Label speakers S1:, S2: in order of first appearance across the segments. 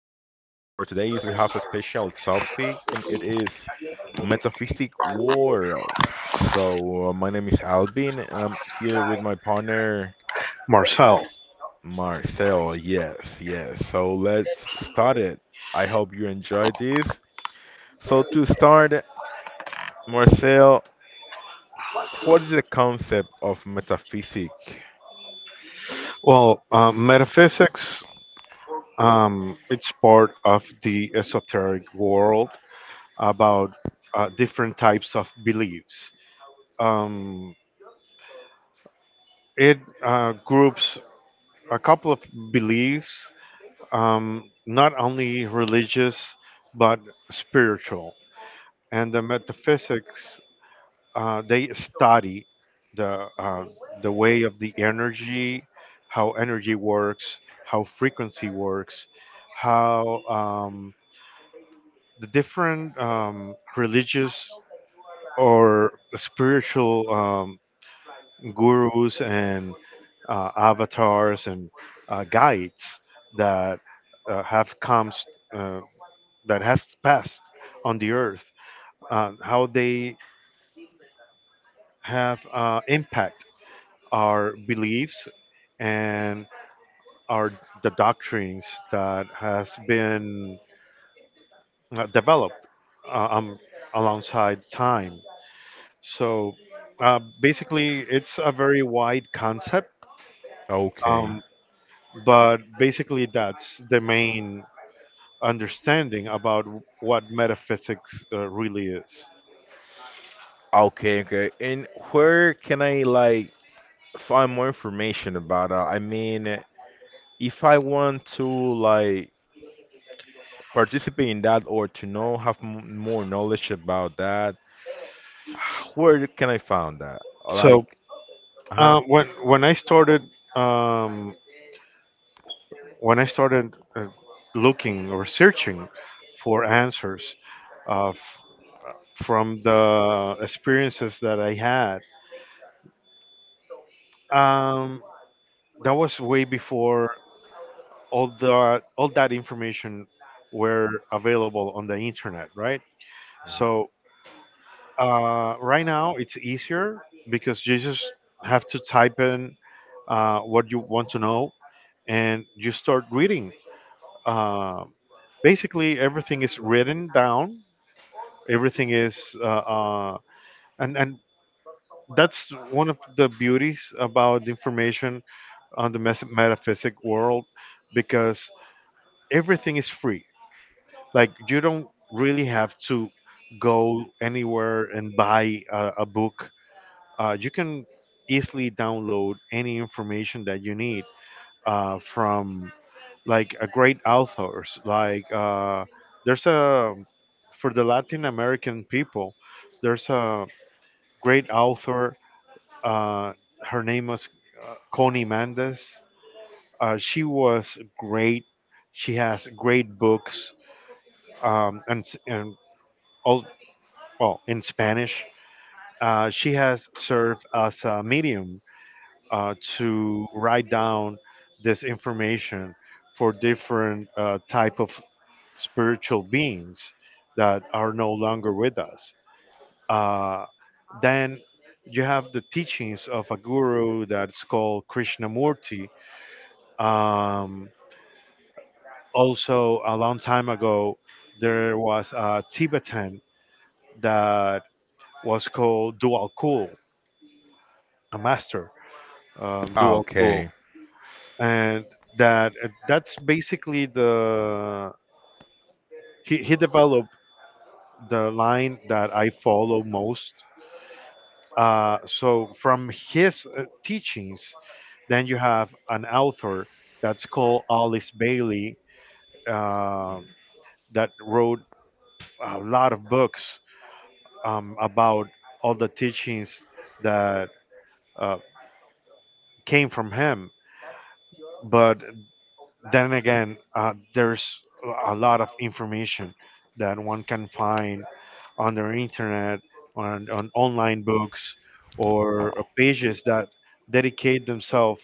S1: today. We have a special topic and it is metaphysic worlds. So, my name is Albin and I'm here with my partner
S2: Marcel.
S1: Marcel. Yes, yes. So, let's start it. I hope you enjoy this. So, to start, Marcel, what is the concept of metaphysic?
S2: Well, metaphysics, it's part of the esoteric world about different types of beliefs. Um, it groups a couple of beliefs, not only religious, but spiritual. And the metaphysics they study the uh, the way of the energy, how energy works, how frequency works, how the different religious or spiritual gurus and avatars and guides that uh, have come s- uh, that have passed on the earth, how they have impact our beliefs and our the doctrines that has been developed uh, um, alongside time. So basically, it's a very wide concept,
S1: Okay.
S2: um, but basically that's the main understanding about what metaphysics really is.
S1: Okay, okay. And where can I, like, find more information about that. I mean, if I want to, like, participate in that or to know have m more knowledge about that, where can I find that?
S2: So
S1: Like, huh?
S2: when I started um, when I started looking or searching for answers uh, f- from the experiences that I had, um, that was way before all that information were available on the internet, right? So right now it's easier because you just have to type in what you want to know and you start reading. Uh, Basically, everything is written down everything is and That's one of the beauties about the information on the metaphysic world, because everything is free. Like, you don't really have to go anywhere and buy a book. You can easily download any information that you need from like a great authors like there's a for the Latin American people, there's a great author. Uh, Her name was Connie Mendes. She was great. She has great books and s- and all well in Spanish. She has served as a medium to write down this information for different type of spiritual beings that are no longer with us. Uh, then you have the teachings of a guru that's called Krishnamurti. Um, Also, a long time ago, there was a Tibetan that was called Dual Kul, a master,
S1: Ah,
S2: Dual Cool.
S1: okay.
S2: And that that's basically the he developed the line that I follow most. So from his teachings, then you have an author that's called Alice Bailey, uh, that wrote a lot of books about all the teachings that uh, came from him. But then again, there's a lot of information that one can find on the internet, on online books,
S1: Oh,
S2: or pages that dedicate themselves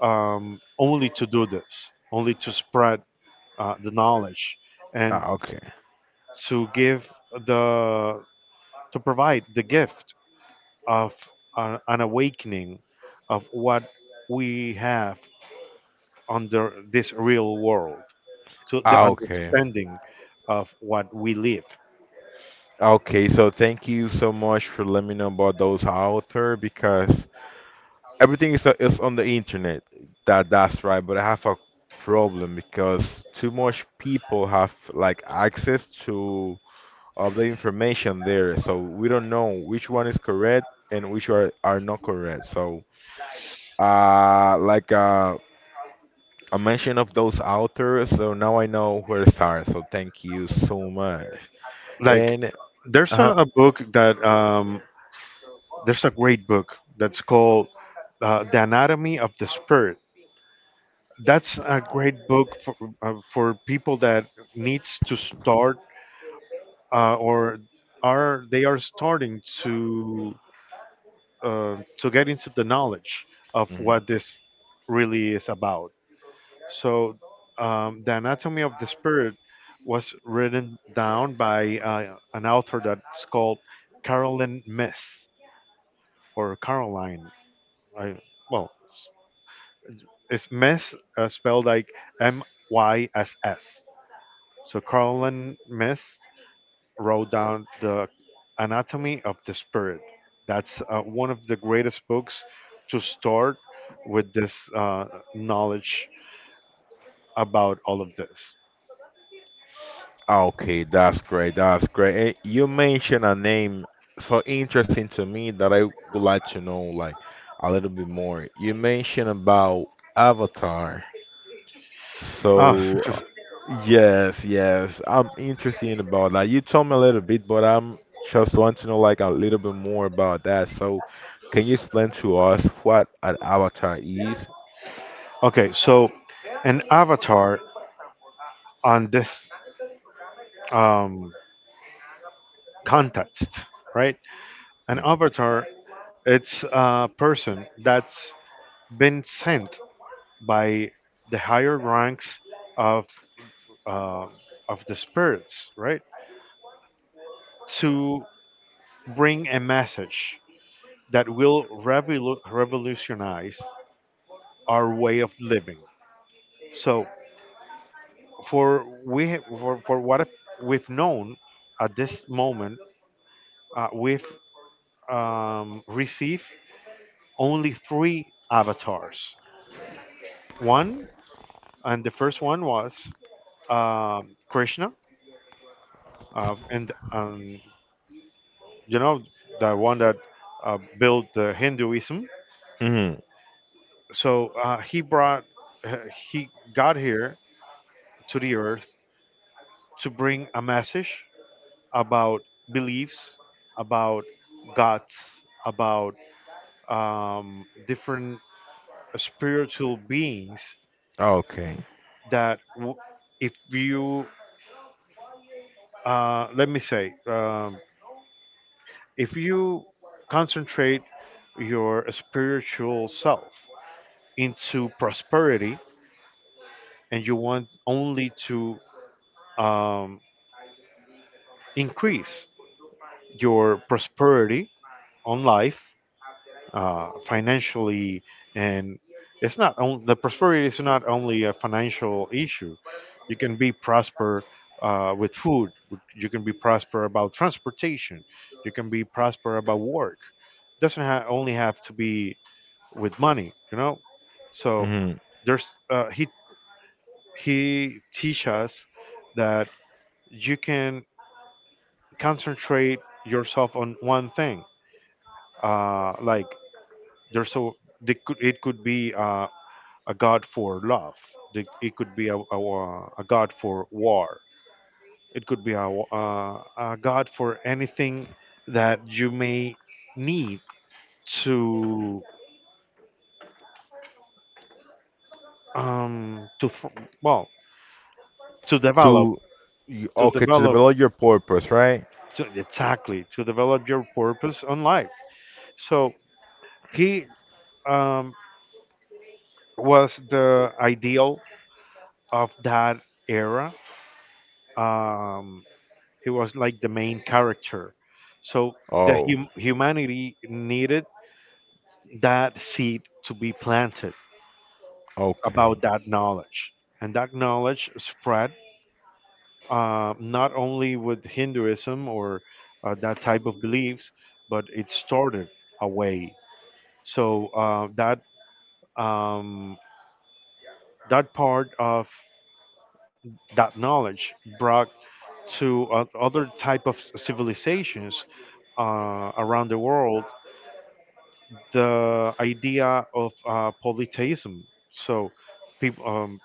S2: only to do this, only to spread the knowledge, and
S1: ah, okay.
S2: to give the to provide the gift of an awakening of what we have under this real world to the
S1: Ah, okay.
S2: understanding of what we live.
S1: Okay, so thank you so much for letting me know about those author because everything is on the internet. That's right, but I have a problem because too much people have like access to of the information there. So we don't know which one is correct and which are not correct. So, uh, like uh, a mention of those authors, so now I know where to start. So thank you so much.
S2: Like,
S1: And,
S2: there's
S1: uh,
S2: a book that there's a great book that's called The Anatomy of the Spirit. That's a great book for people that needs to start or are they are starting to get into the knowledge of
S1: mhm.
S2: what this really is about. So The Anatomy of the Spirit was written down by an author that's called Carolyn Miss, or Caroline, I, well it's Miss spelled like M Y S S. So Colin Miss wrote down The Anatomy of the Spirit. That's one of the greatest books to start with this knowledge about all of this.
S1: Okay, that's great. That's great. And you mentioned a name so interesting to me that I would like to know like a little bit more. You mentioned about Avatar.
S2: Ah,
S1: So yes, yes, I'm interested about that. You told me a little bit, but I'm just want to know like a little bit more about that. So can you explain to us what an avatar is?
S2: okay, so an avatar on this um, context, right? An avatar, it's a person that's been sent by the higher ranks of uh, of the spirits, right? To bring a message that will revolutionize our way of living. So for what we've known at this moment, we've received only three avatars. One, and the first one was Krishna, and you know, the one that built the Hinduism.
S1: Mm-hmm.
S2: So uh, he got here to the earth to bring a message about beliefs, about gods, about different spiritual beings
S1: Okay.
S2: that if you, let me say, if you concentrate your spiritual self into prosperity and you want only to um, increase your prosperity on life financially, and it's not on, the prosperity is not only a financial issue. You can be prosper with food, you can be prosper about transportation, you can be prosper about work. Doesn't only have to be with money, you know. So
S1: Hmm.
S2: there's he teach us that you can concentrate yourself on one thing, like there's so they could it could be a god for love. It could be a god for war, it could be a god for anything that you may need to um to th- well to
S1: To you, okay, to
S2: develop
S1: develop your purpose, right?
S2: to, exactly, to develop your purpose on life. So he um was the ideal of that era. um he was like the main character. So the
S1: Oh,
S2: humanity needed that seed to be planted
S1: okay.
S2: about that knowledge, and that knowledge spread not only with Hinduism or that type of beliefs, but it started away. So um, that part of that knowledge brought to other type of civilizations around the world the idea of polytheism. So, people,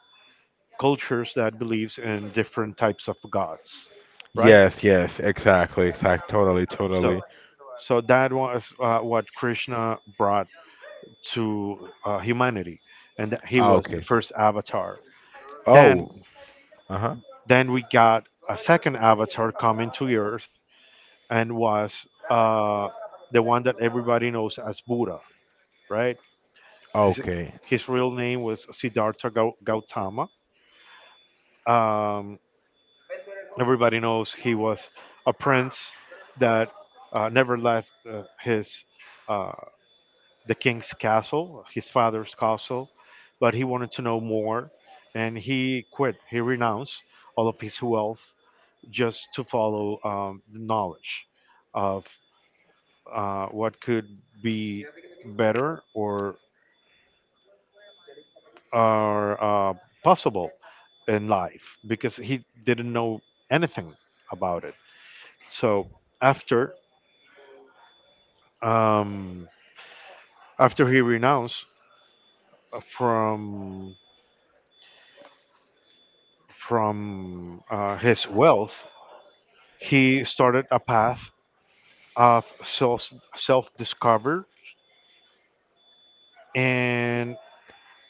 S2: cultures that believes in different types of gods, right?
S1: Yes, yes, exactly, exactly, totally,
S2: So,
S1: totally.
S2: so that was what Krishna brought to humanity, and that he
S1: Ah,
S2: was the
S1: okay.
S2: first avatar. Then,
S1: Oh, uh-huh.
S2: then we got a second avatar coming to Earth, and was the one that everybody knows as Buddha, right? His,
S1: Okay.
S2: his real name was Siddhartha Gautama. Um, Everybody knows he was a prince that never left his uh, the king's castle, his father's castle, but he wanted to know more, and he quit. He renounced all of his wealth just to follow the knowledge of what could be better or or uh, possible in life, because he didn't know anything about it. So after um, after he renounced uh, from from his wealth, he started a path of self discover, and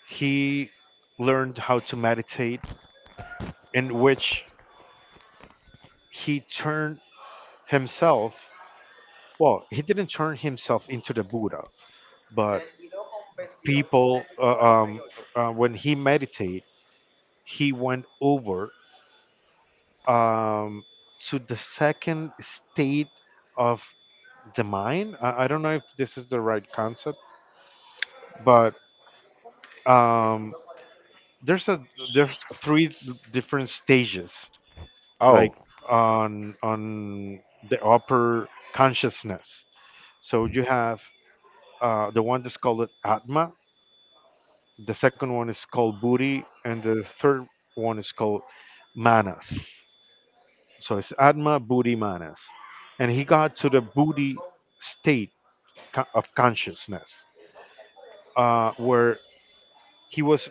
S2: he learned how to meditate, in which he turned himself. Well, he didn't turn himself into the Buddha, but people when he meditate, he went over um, to the second state of the mind. I don't know if this is the right concept, but um, there's a there's three different stages, like
S1: Oh.
S2: on the upper consciousness. So you have the one that's called Atma, the second one is called Buddhi, and the third one is called Manas. So it's Atma, Buddhi, Manas, and he got to the Buddhi state of consciousness, where he was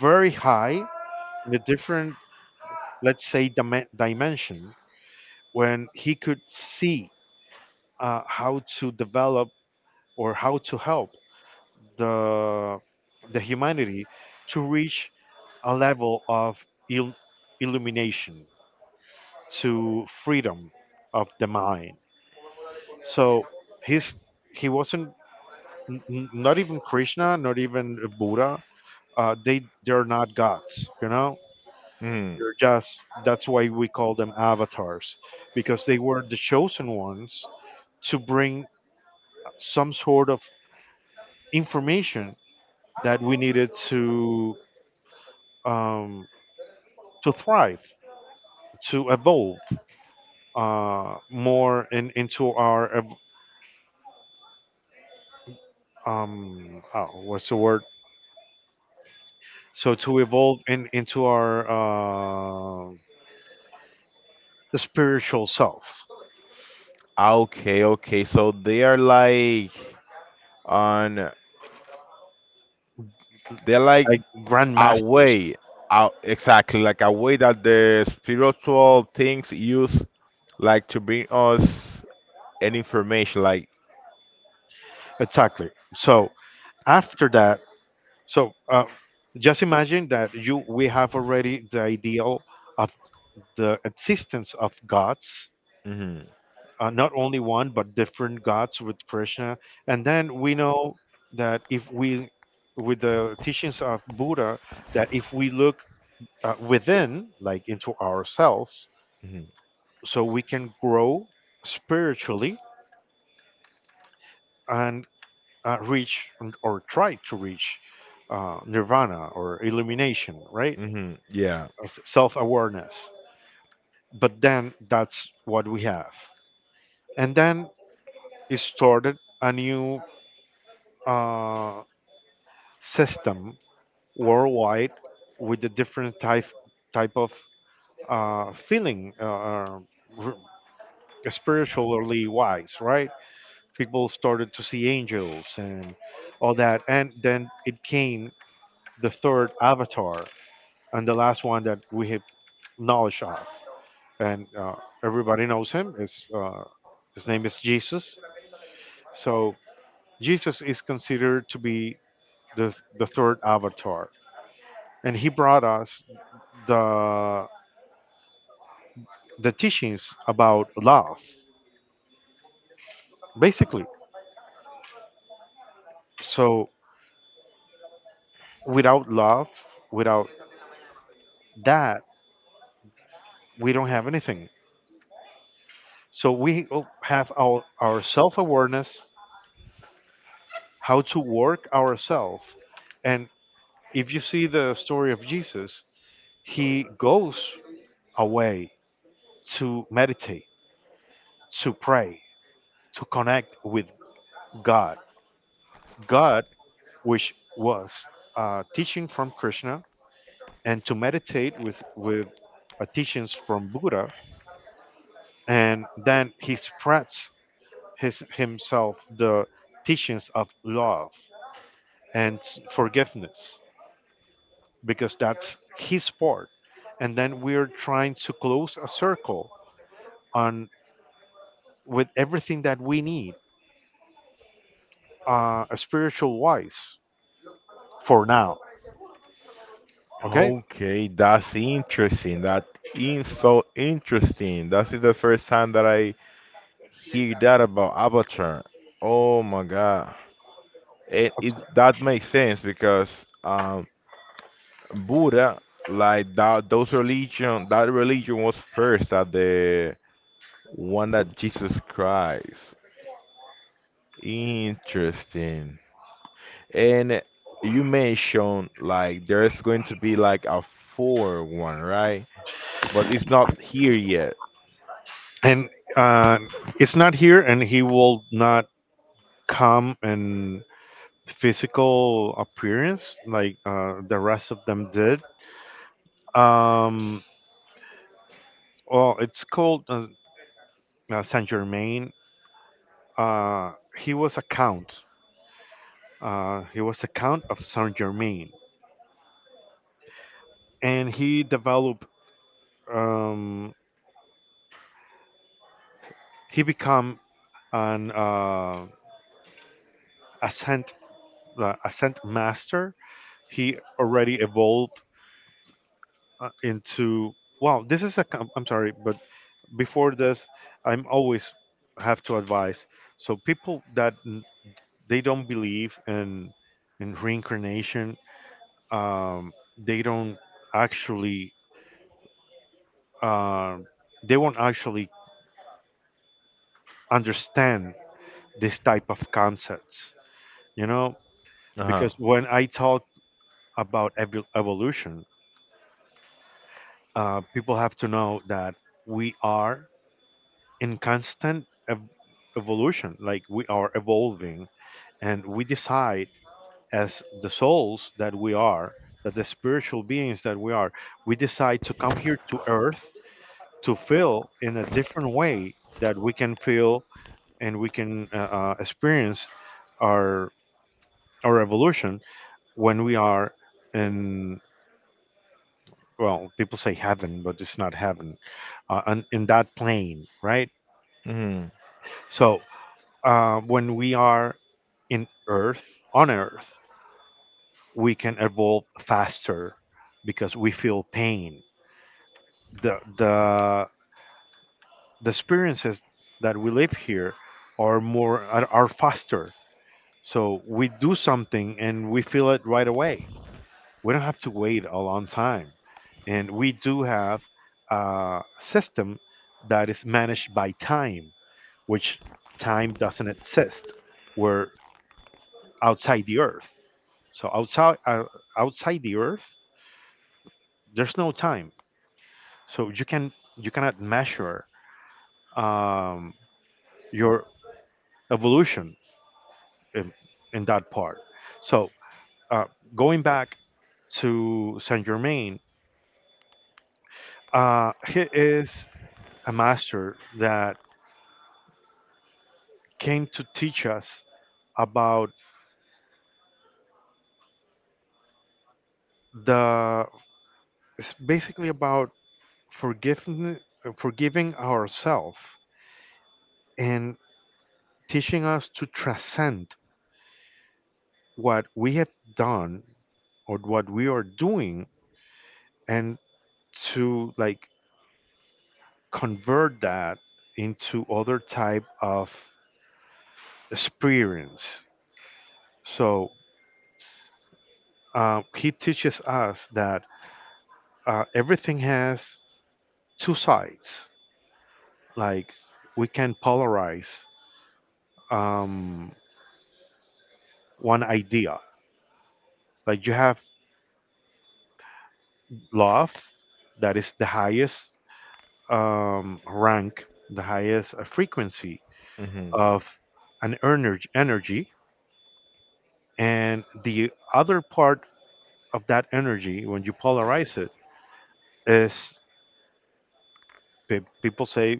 S2: very high in a different, let's say, dimension, when he could see how to develop or how to help the the humanity to reach a level of il- illumination, to freedom of the mind. So his he wasn't not even Krishna, not even Buddha. They they're not gods, you know.
S1: Hmm.
S2: They're just that's why we call them avatars, because they were the chosen ones to bring some sort of information that we needed um, to thrive, to evolve more in, into our oh, what's the word? So to evolve in, into our the spiritual self,
S1: Ah, okay, okay. So they are like on they're like
S2: like
S1: a
S2: grandmasters,
S1: way. Out exactly like a way that the spiritual things use like to bring us an information like
S2: exactly. So after that. So just imagine that you we have already the ideal of the existence of gods,
S1: mm-hmm,
S2: not only one but different gods with Krishna, and then we know that if we with the teachings of Buddha that if we look within, like into ourselves,
S1: mm-hmm,
S2: so we can grow spiritually and reach and- or try to reach nirvana or illumination, right?
S1: mm-hmm, yeah.
S2: Self awareness. But then that's what we have, and then it started a new uh, system worldwide with a different type of uh, feeling uh, uh, r- spiritually wise, right? People started to see angels and all that, and then it came the third avatar and the last one that we have knowledge of, and everybody knows him, is his name is Jesus. So Jesus is considered to be the third avatar, and he brought us the, the teachings about love, basically. So, without love, without that, we don't have anything. So, we have our self awareness, how to work ourselves. And if you see the story of Jesus, he goes away to meditate, to pray, to connect with God. God, which was teaching from Krishna, and to meditate with teachings from Buddha, and then he spreads his himself the teachings of love and forgiveness, because that's his part, and then we're trying to close a circle on with everything that we need spiritual wise for now. Okay,
S1: Okay, that's interesting. That is so interesting. That is the first time that I hear that about Avatar. Oh my God. It that makes sense because Buddha, like that, those religion, that religion was first at the one that Jesus Christ. Interesting. And you mentioned like there's going to be like a four one, right? But it's not here yet.
S2: and uh, it's not here, and he will not calm and physical appearance like the rest of them did. Um, well, it's called Saint Germain. He was a count. He was a count of Saint Germain, and he developed. Um, he became an ascent ascent master. He already evolved into. Well, this is a. I'm sorry, but before this I'm always have to advise so people that they don't believe in reincarnation. um, they don't actually, um they won't actually understand this type of concepts you know
S1: Uh-huh.
S2: because when I talk about evolution, people have to know that we are in constant evolution. Like we are evolving, and we decide, as the souls that we are, that the spiritual beings that we are, we decide to come here to earth to feel in a different way that we can feel, and we can experience our our evolution when we are in, well people say heaven but it's not heaven, in that plane, right?
S1: Mm-hmm.
S2: So when we are in earth, on earth, we can evolve faster because we feel pain. The the experiences that we live here are more, are faster. So we do something and we feel it right away. We don't have to wait a long time. And we do have a system that is managed by time, which time doesn't exist. We're outside the earth. So outside outside the earth there's no time. So you can, you cannot measure um, your evolution in, in that part. So uh, going back to Saint Germain, he is a master that came to teach us about the, it's basically about forgiving, forgiving ourselves, and teaching us to transcend what we have done or what we are doing, and to, like, convert that into other type of experience. So he teaches us that everything has two sides. Like we can polarize um, one idea. Like you have love, that is the highest rank, the highest frequency
S1: Mm-hmm.
S2: of an energy, energy, and the other part of that energy, when you polarize it, is, people say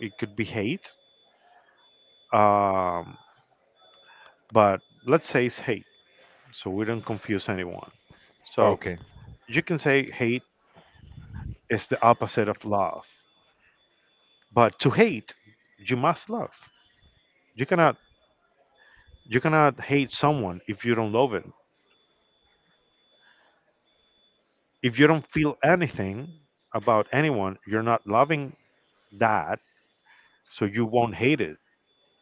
S2: it could be hate. Um, but let's say it's hate so we don't confuse anyone. So
S1: Okay.
S2: you can say hate is the opposite of love, but to hate you must love. You cannot, you cannot hate someone if you don't love it. If you don't feel anything about anyone, you're not loving that, so you won't hate it.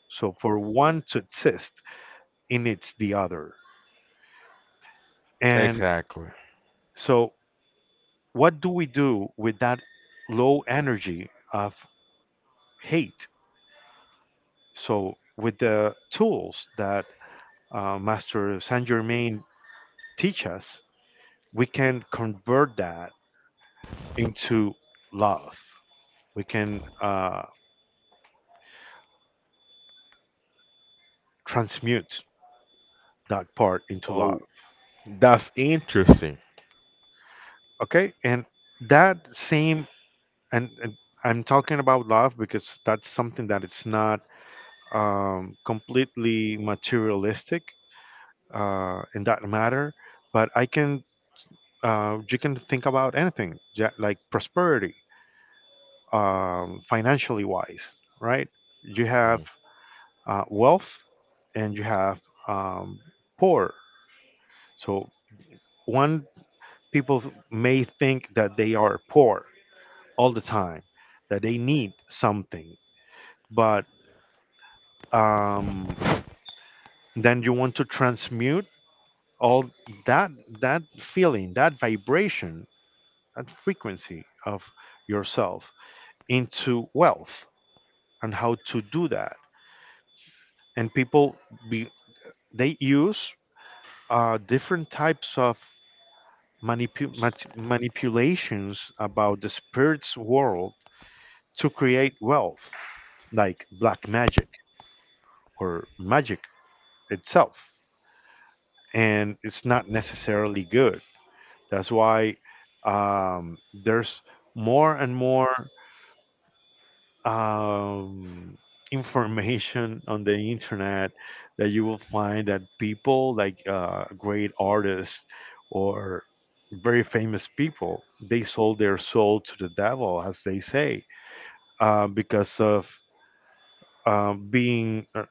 S2: So for one to exist, it needs the other. And
S1: Exactly.
S2: so, what do we do with that low energy of hate? So with the tools that Master Saint Germain teach us, we can convert that into love. We can transmute that part into love.
S1: Oh, that's interesting.
S2: Okay, and that same, and I'm talking about love because that's something that it's not completely materialistic in that matter, but I can, you can think about anything, like prosperity, financially wise, right? You have
S1: Mhm.
S2: wealth, and you have um, poor. So one, people may think that they are poor all the time, that they need something, but um, then you want to transmute all that, that feeling, that vibration, that frequency of yourself into wealth, and how to do that. And people be, they use different types of manipulations about the spirits world to create wealth, like black magic or magic itself. And it's not necessarily good. That's why um, there's more and more um, information on the internet, that you will find that people like great artists or very famous people, they sold their soul to the devil, as they say, because of being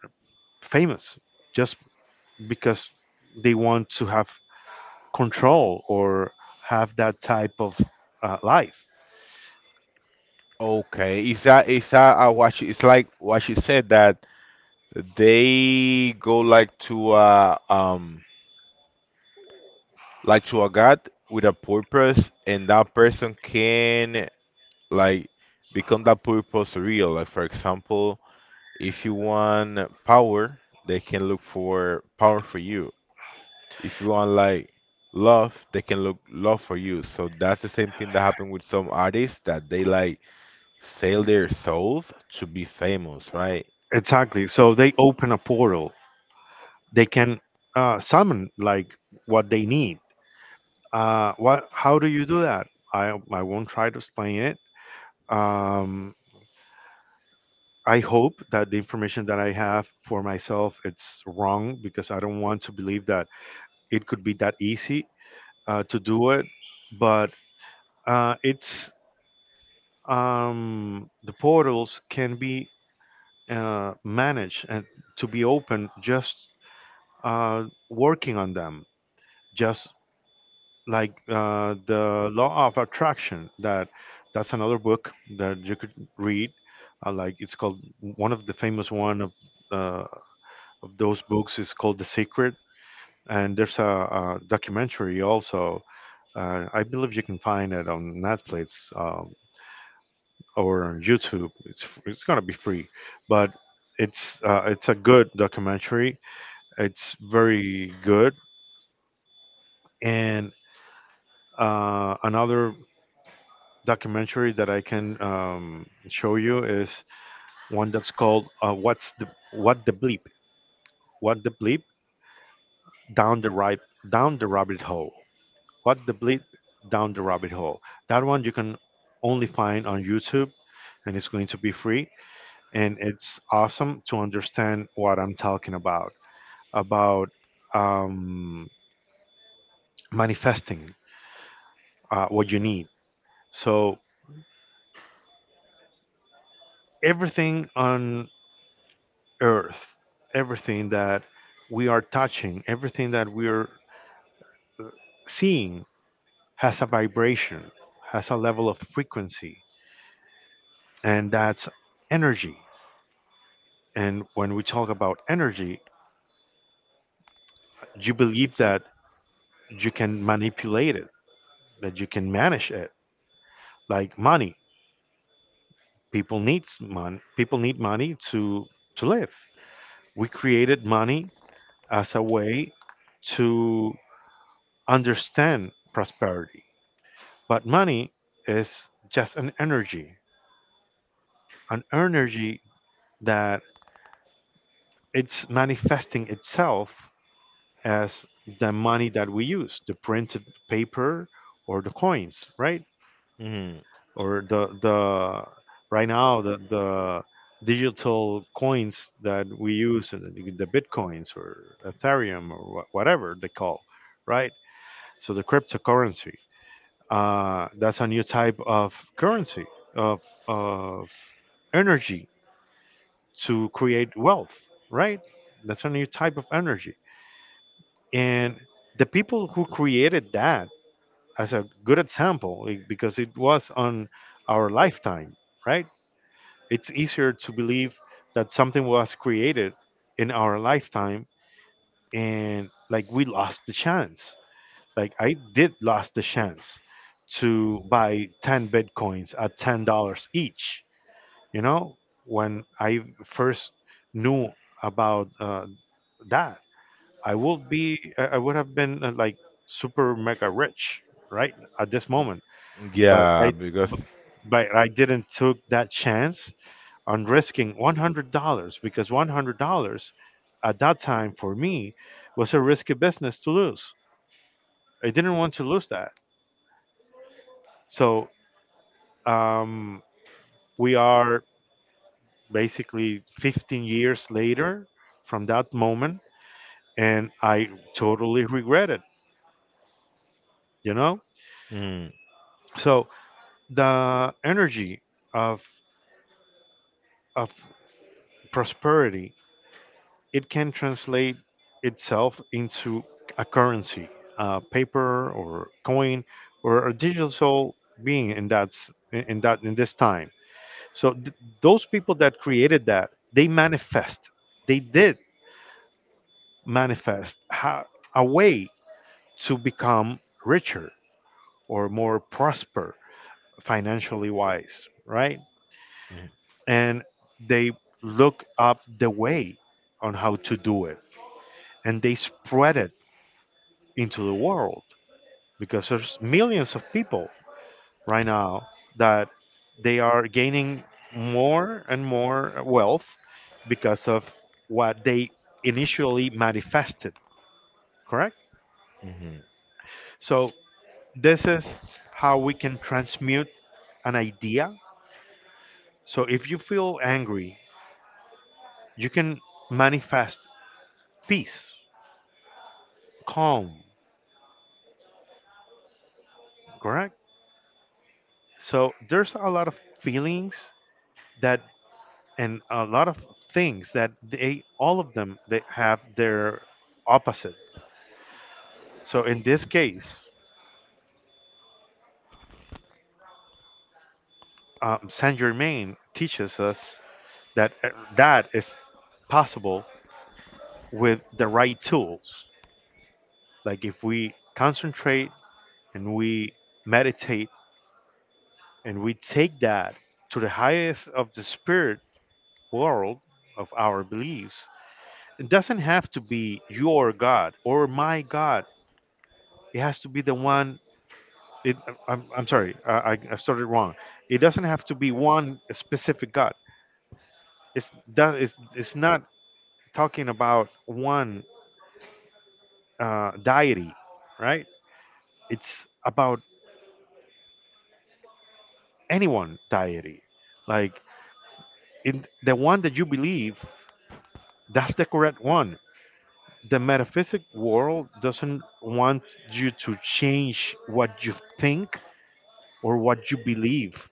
S2: famous, just because they want to have control, or have that type of life.
S1: Okay, is that what she, it's like what she said that they go like to a god with a purpose, and that person can like become that purpose real. Like for example, if you want power, they can look for power for you. If you want like love, they can look love for you. So that's the same thing that happened with some artists that they like sell their souls to be famous, right?
S2: Exactly, so they open a portal. They can summon, like, what they need. What? How do you do that? I won't try to explain it. Um, I hope that the information that I have for myself it's wrong, because I don't want to believe that it could be that easy to do it. But it's the portals can be managed, and to be open just working on them, just like the law of attraction. That's another book that you could read. Like it's called, one of the famous, one uh, of those books is called The Secret. And there's a documentary also. I believe you can find it on Netflix, or on YouTube. It's gonna be free. But it's a good documentary. It's very good. And another documentary that I can show you is one that's called, "What's the, What the Bleep? What the Bleep Down the Right, Down the Rabbit Hole? What the Bleep Down the Rabbit Hole?" That one you can only find on YouTube, and it's going to be free. And it's awesome to understand what I'm talking about um, manifesting what you need. So everything on earth, everything that we are touching, everything that we are seeing has a vibration, has a level of frequency, and that's energy. And when we talk about energy, you believe that you can manipulate it, that you can manage it, like money. People needs money. People need money to live. We created money as a way to understand prosperity. But money is just an energy that it's manifesting itself as the money that we use, the printed paper or the coins, right?
S1: Hmm.
S2: Or the, right now, the digital coins that we use, the bitcoins or Ethereum, or whatever they call, right? So the cryptocurrency, that's a new type of currency of of energy to create wealth, right? That's a new type of energy. And the people who created that, as a good example, because it was on our lifetime, right? It's easier to believe that something was created in our lifetime, and like we lost the chance. Like I did lost the chance to buy 10 bitcoins at $10 each, you know, when I first knew about that, I would be, I would have been like super mega rich, right, at this moment. But
S1: Yeah,
S2: I,
S1: because.
S2: b- but I didn't took that chance on risking $100, because $100 at that time for me was a risky business to lose. I didn't want to lose that. So um, we are basically 15 years later from that moment, and I totally regret it. You know,
S1: Mm-hmm.
S2: so the energy of of prosperity, it can translate itself into a currency, paper or coin, or a digital being in, that's in that, in this time. So those people that created that, they manifest. They did manifest a way to become richer, or more prosper financially wise, right?
S1: Mm-hmm,
S2: And they look up the way on how to do it, and they spread it into the world, because there's millions of people right now that they are gaining more and more wealth because of what they initially manifested, correct?
S1: mm-hmm.
S2: So this is how we can transmute an idea. So if you feel angry, you can manifest peace, calm, correct? So there's a lot of feelings that, and a lot of things that, they all of them they have their opposite. So in this case, Saint Germain teaches us that that is possible, with the right tools. Like if we concentrate, and we meditate, and we take that to the highest of the spirit world, of our beliefs. It doesn't have to be your god or my god. It has to be the one. It, I'm sorry, I started wrong. It doesn't have to be one specific god. It's that it's not talking about one deity, right? It's about anyone deity. Like in the one that you believe, that's the correct one. The metaphysic world doesn't want you to change what you think or what you believe.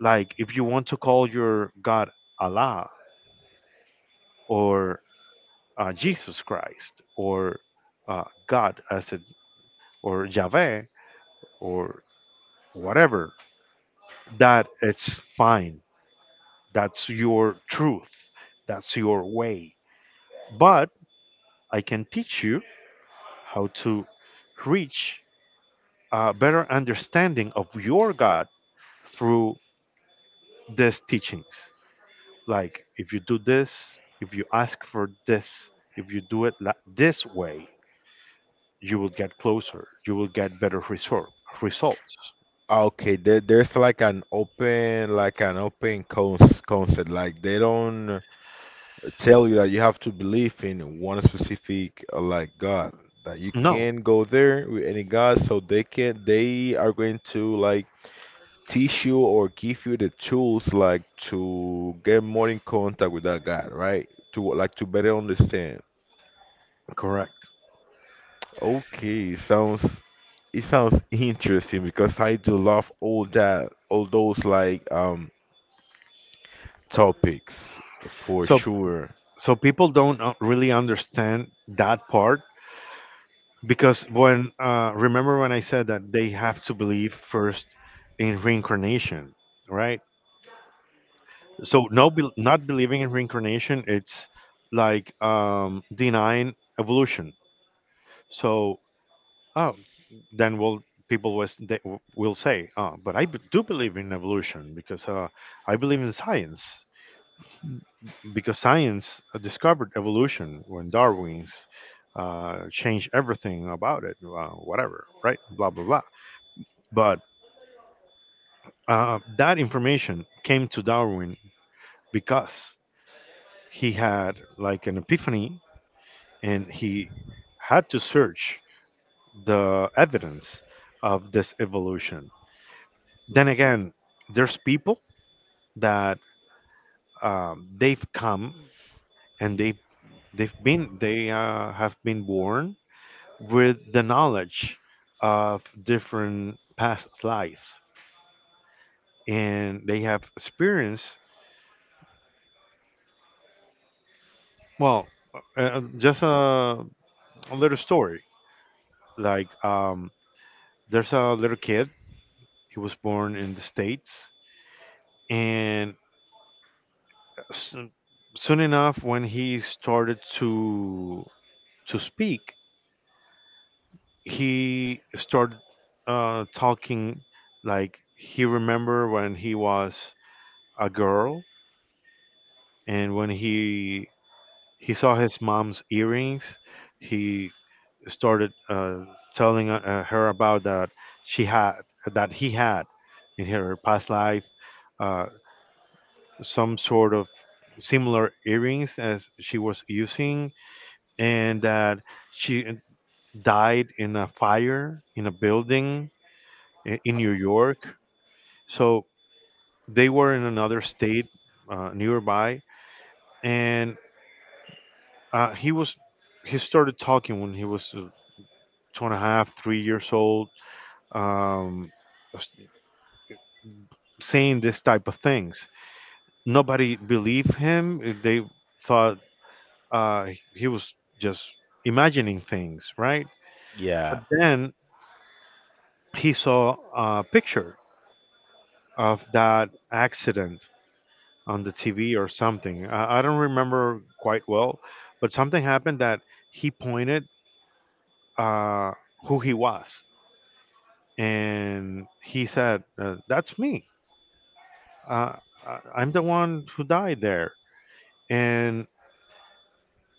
S2: Like if you want to call your god Allah, or Jesus Christ, or God as it, or Yahweh, or whatever, that it's fine. That's your truth. That's your way. But I can teach you how to reach a better understanding of your God through these teachings. Like if you do this, if you ask for this, if you do it this way, you will get closer. You will get better result, results.
S1: Ah, okay, there, there's like an open cons concept. Like they don't tell you that you have to believe in one specific, like God. That you
S2: No,
S1: can go there with any God, so they can, they are going to like teach you or give you the tools, like to get more in contact with that God, right? To like to better understand.
S2: correct.
S1: Okay, sounds it sounds interesting because I do love all that, all those like topics for
S2: So,
S1: sure.
S2: so people don't really understand that part, because when, remember when I said that they have to believe first in reincarnation, right? So, no, bel not believing in reincarnation, it's like denying evolution. So, oh, then will people was, they will say, oh, but I do believe in evolution, because I believe in science. Because science discovered evolution when Darwin's changed everything about it, whatever, right? Blah, blah, blah. But that information came to Darwin because he had like an epiphany and he had to search the evidence of this evolution. Then again, there's people that they've come and they've been they have been born with the knowledge of different past lives and they have experience well, uh, uh, just a, a little story like there's a little kid. He was born in the states and soon, soon enough when he started to speak he started talking like he remember when he was a girl and when he saw his mom's earrings. He started telling her about that she had, that he had in her past life uh, some sort of similar earrings as she was using, and that she died in a fire in a building in New York. So they were in another state nearby, and uh, he was he started talking when he was two and a half, three years old, um, s- saying this type of things. Nobody believed him. They thought uh, he was just imagining things, right? But
S1: Yeah.
S2: then he saw a picture of that accident on the TV or something. I don't remember quite well, but something happened that he pointed uh, who he was. And he said, that's me. Uh, I- I'm the one who died there. And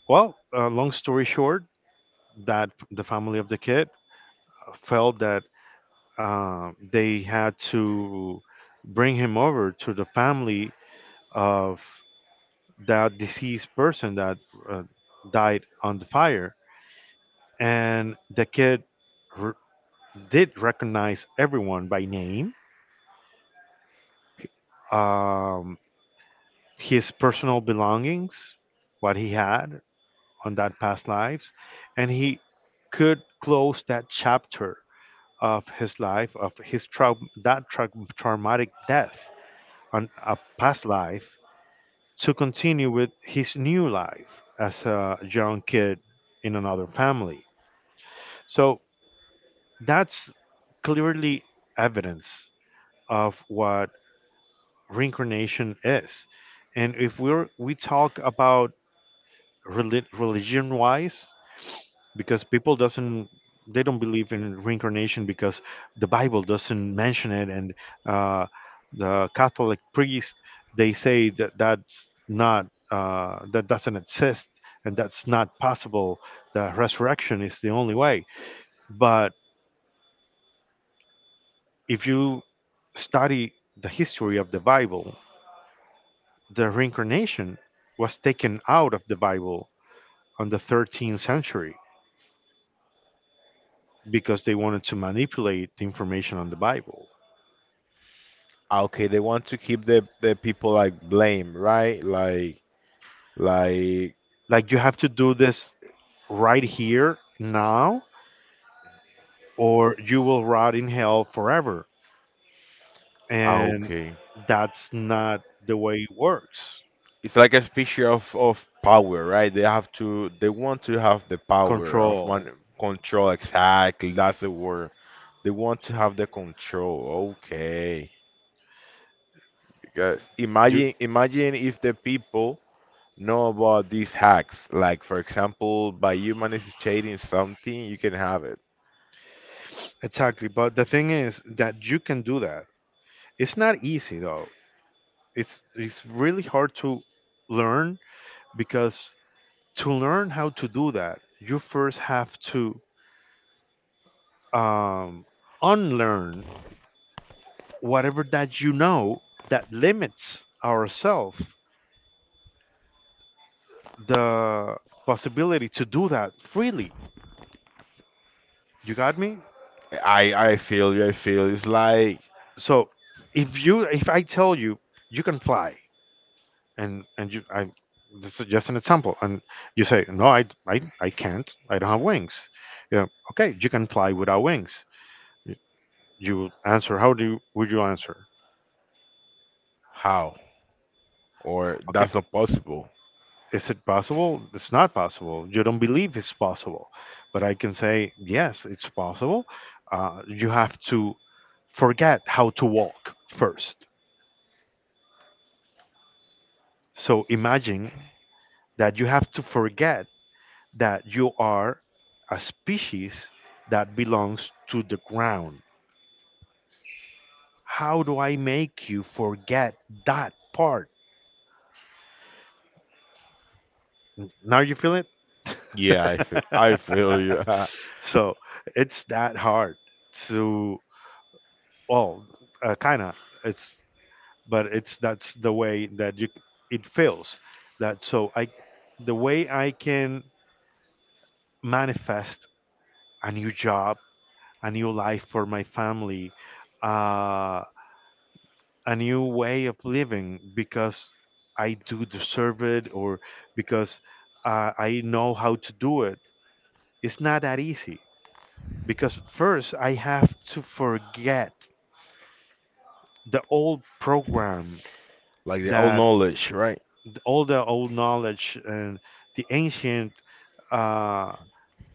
S2: well, long story short, the family of the kid felt that they had to bring him over to the family of that deceased person that uh, died on the fire. And the kid r did recognize everyone by name, um, his personal belongings, what he had, on that past lives, and he could close that chapter of his life, of his traumatic death on a past life, to continue with his new life as a young kid in another family. So that's clearly evidence of what reincarnation is. And if we talk about religion wise, because people doesn't, they don't believe in reincarnation because the bible doesn't mention it, and uh, the catholic priest, they say that that's not, that doesn't exist and that's not possible, the resurrection is the only way. But if you study the history of the bible, the reincarnation was taken out of the bible on the 13th century because they wanted to manipulate the information on the bible.
S1: Ah, okay, they want to keep the people like blame, right? Like
S2: Like you have to do this right here now, or you will rot in hell forever.
S1: ah,
S2: And
S1: okay.
S2: that's not the way it works.
S1: It's like a picture of power, right? They have to they want to have the power of
S2: Control.
S1: man control exactly. That's the word. They want to have the control. Okay. Because
S2: You
S1: imagine imagine if the people know about these hacks. Like for example, by you manifesting something, you can have it.
S2: exactly. But the thing is that you can do that. It's not easy though. It's really hard to learn because to learn how to do that, you first have to um, unlearn whatever that you know, that limits ourselves the possibility to do that freely. You got me?
S1: I feel you. I feel it's like
S2: So if I tell you you can fly, and you I this is just an example, and you say no, I can't, I don't have wings. Yeah, okay, you can fly without wings. You you answer, would you answer?
S1: how or
S2: Okay,
S1: that's not possible.
S2: is it possible? It's not possible. You don't believe it's possible, but I can say yes, it's possible. You have to forget how to walk first. So imagine that you have to forget that you are a species that belongs to the ground. How do I make you forget that part? Now you feel it?
S1: Yeah, I feel you.
S2: So it's that hard to, well, kind of. It's, but it's that's the way that you it feels that so I the way I can manifest a new job, a new life for my family, uh, a new way of living because I do deserve it, or because I know how to do it. It's not that easy because first I have to forget the old program,
S1: Like the all
S2: that
S1: knowledge, right?
S2: all the old knowledge and the ancient uh,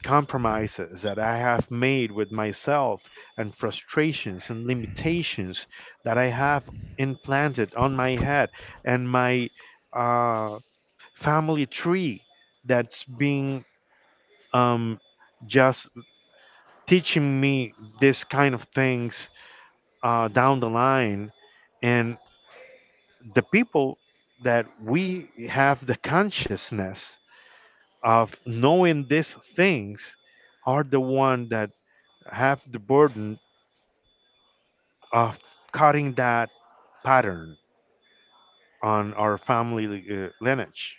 S2: compromises that I have made with myself, and frustrations and limitations that I have implanted on my head and my uh, family tree that's been um, just teaching me this kind of things down the line. And the people that we have the consciousness of knowing these things are the one that have the burden of cutting that pattern on our family lineage,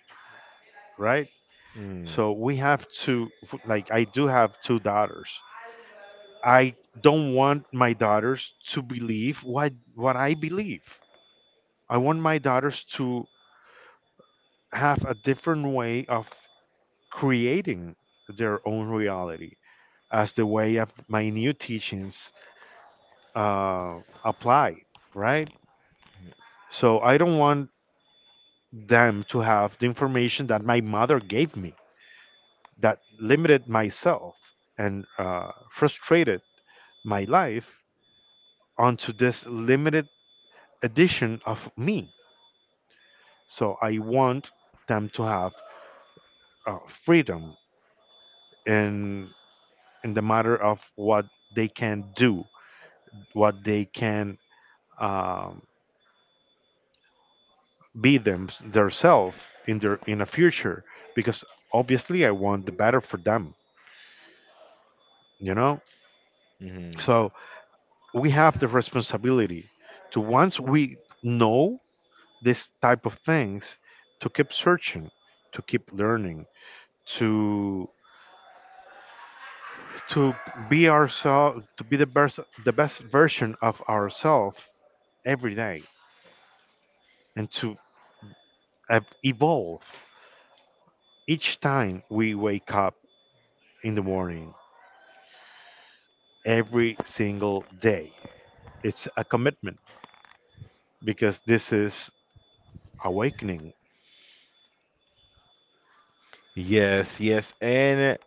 S2: right?
S1: Mm,
S2: So we have to, like, I do have two daughters. I don't want my daughters to believe what I believe. I want my daughters to have a different way of creating their own reality, as the way of my new teachings apply, right? So I don't want them to have the information that my mother gave me that limited myself and frustrated my life onto this limited edition of me. So I want them to have freedom in the matter of what they can do, what they can um, be themselves in their in a future. Because obviously, I want the better for them. You know,
S1: mhm.
S2: so we have the responsibility to, once we know this type of things, to keep searching, to keep learning, to to be ourselves, to be the best version of ourselves every day, and to evolve each time we wake up in the morning every single day. It's a commitment because this is awakening.
S1: Yes, yes. And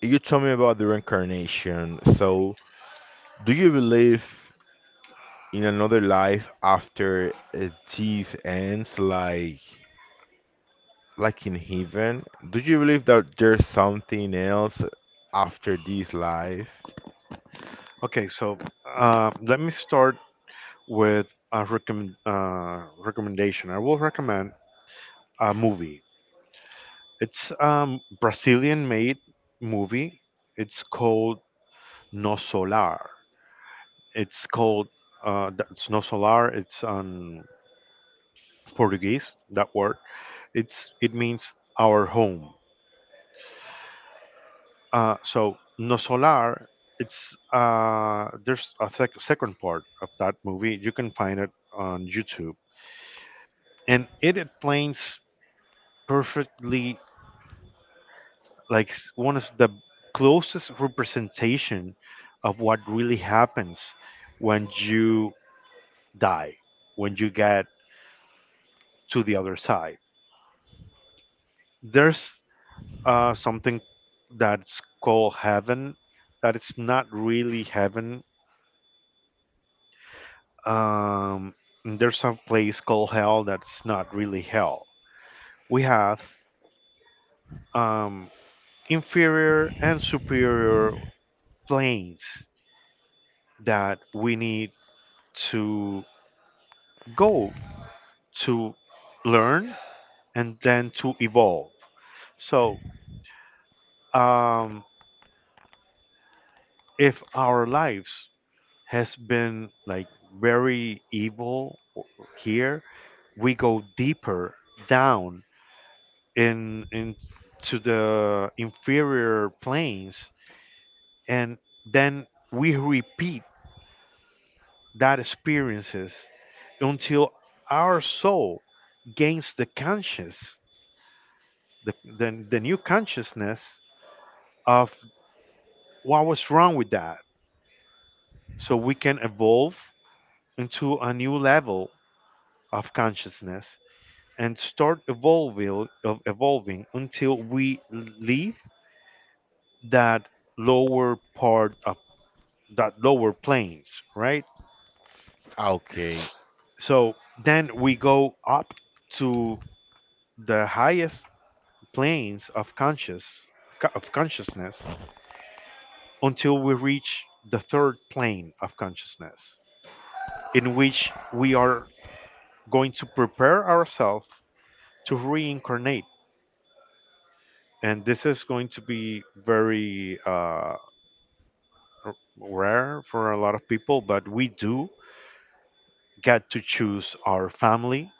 S1: you told me about the reincarnation. So, do you believe in another life after this ends, like in heaven? Do you believe that there's something else after this life?
S2: Okay, so let me start with a recommendation. I will recommend a movie. It's brazilian made movie. It's called no solar. It's called, that's no solar. It's on Portuguese that word. It's it means our home. So no solar. It's, there's a second part of that movie. You can find it on YouTube, and it explains perfectly, like, one of the closest representation of what really happens when you die, when you get to the other side. There's something that's called heaven that it's not really heaven, um, and there's a place called hell that's not really hell. We have um, inferior and superior planes that we need to go to learn and then to evolve. So um, if our lives has been like very here, we go deeper down in to the inferior planes, and then we repeat that experiences until our soul gains the, the new consciousness of what was wrong with that, so we can evolve into a new level of consciousness and start evolving, of evolving, until we leave that lower part of that lower planes, right?
S1: Ah, okay.
S2: So then we go up to the highest planes of of consciousness, until we reach the third plane of consciousness, in which we are going to prepare ourselves to reincarnate. And this is going to be very r- rare for a lot of people, but we do get to choose our family,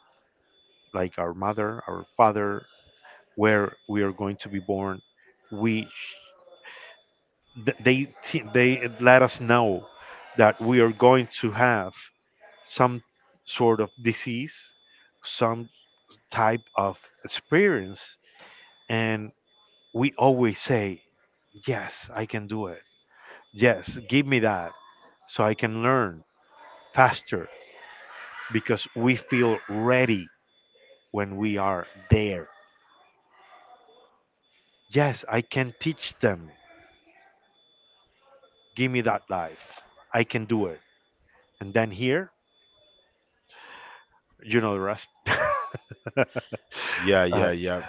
S2: like our mother, our father, where we are going to be born. We sh- th- they t- They let us know that we are going to have some sort of disease, some type of experience, and we always say, "Yes, I can do it. Yes, give me that, so I can learn faster." Because we feel ready when we are there. Yes, I can teach them. Give me that life. I can do it. And then here, you know the rest.
S1: Yeah,
S2: uh,
S1: yeah, yeah.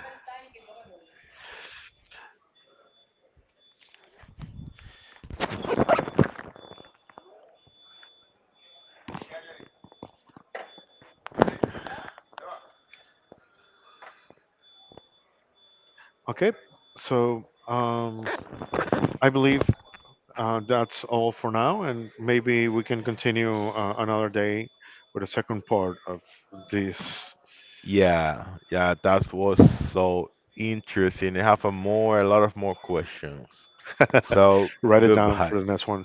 S2: okay, so um, I believe that's all for now, and maybe we can continue another day with the second part of this.
S1: Yeah, yeah, that was so interesting. I have a more, a lot of more questions. So
S2: Write it down
S1: goodbye.
S2: for the next one.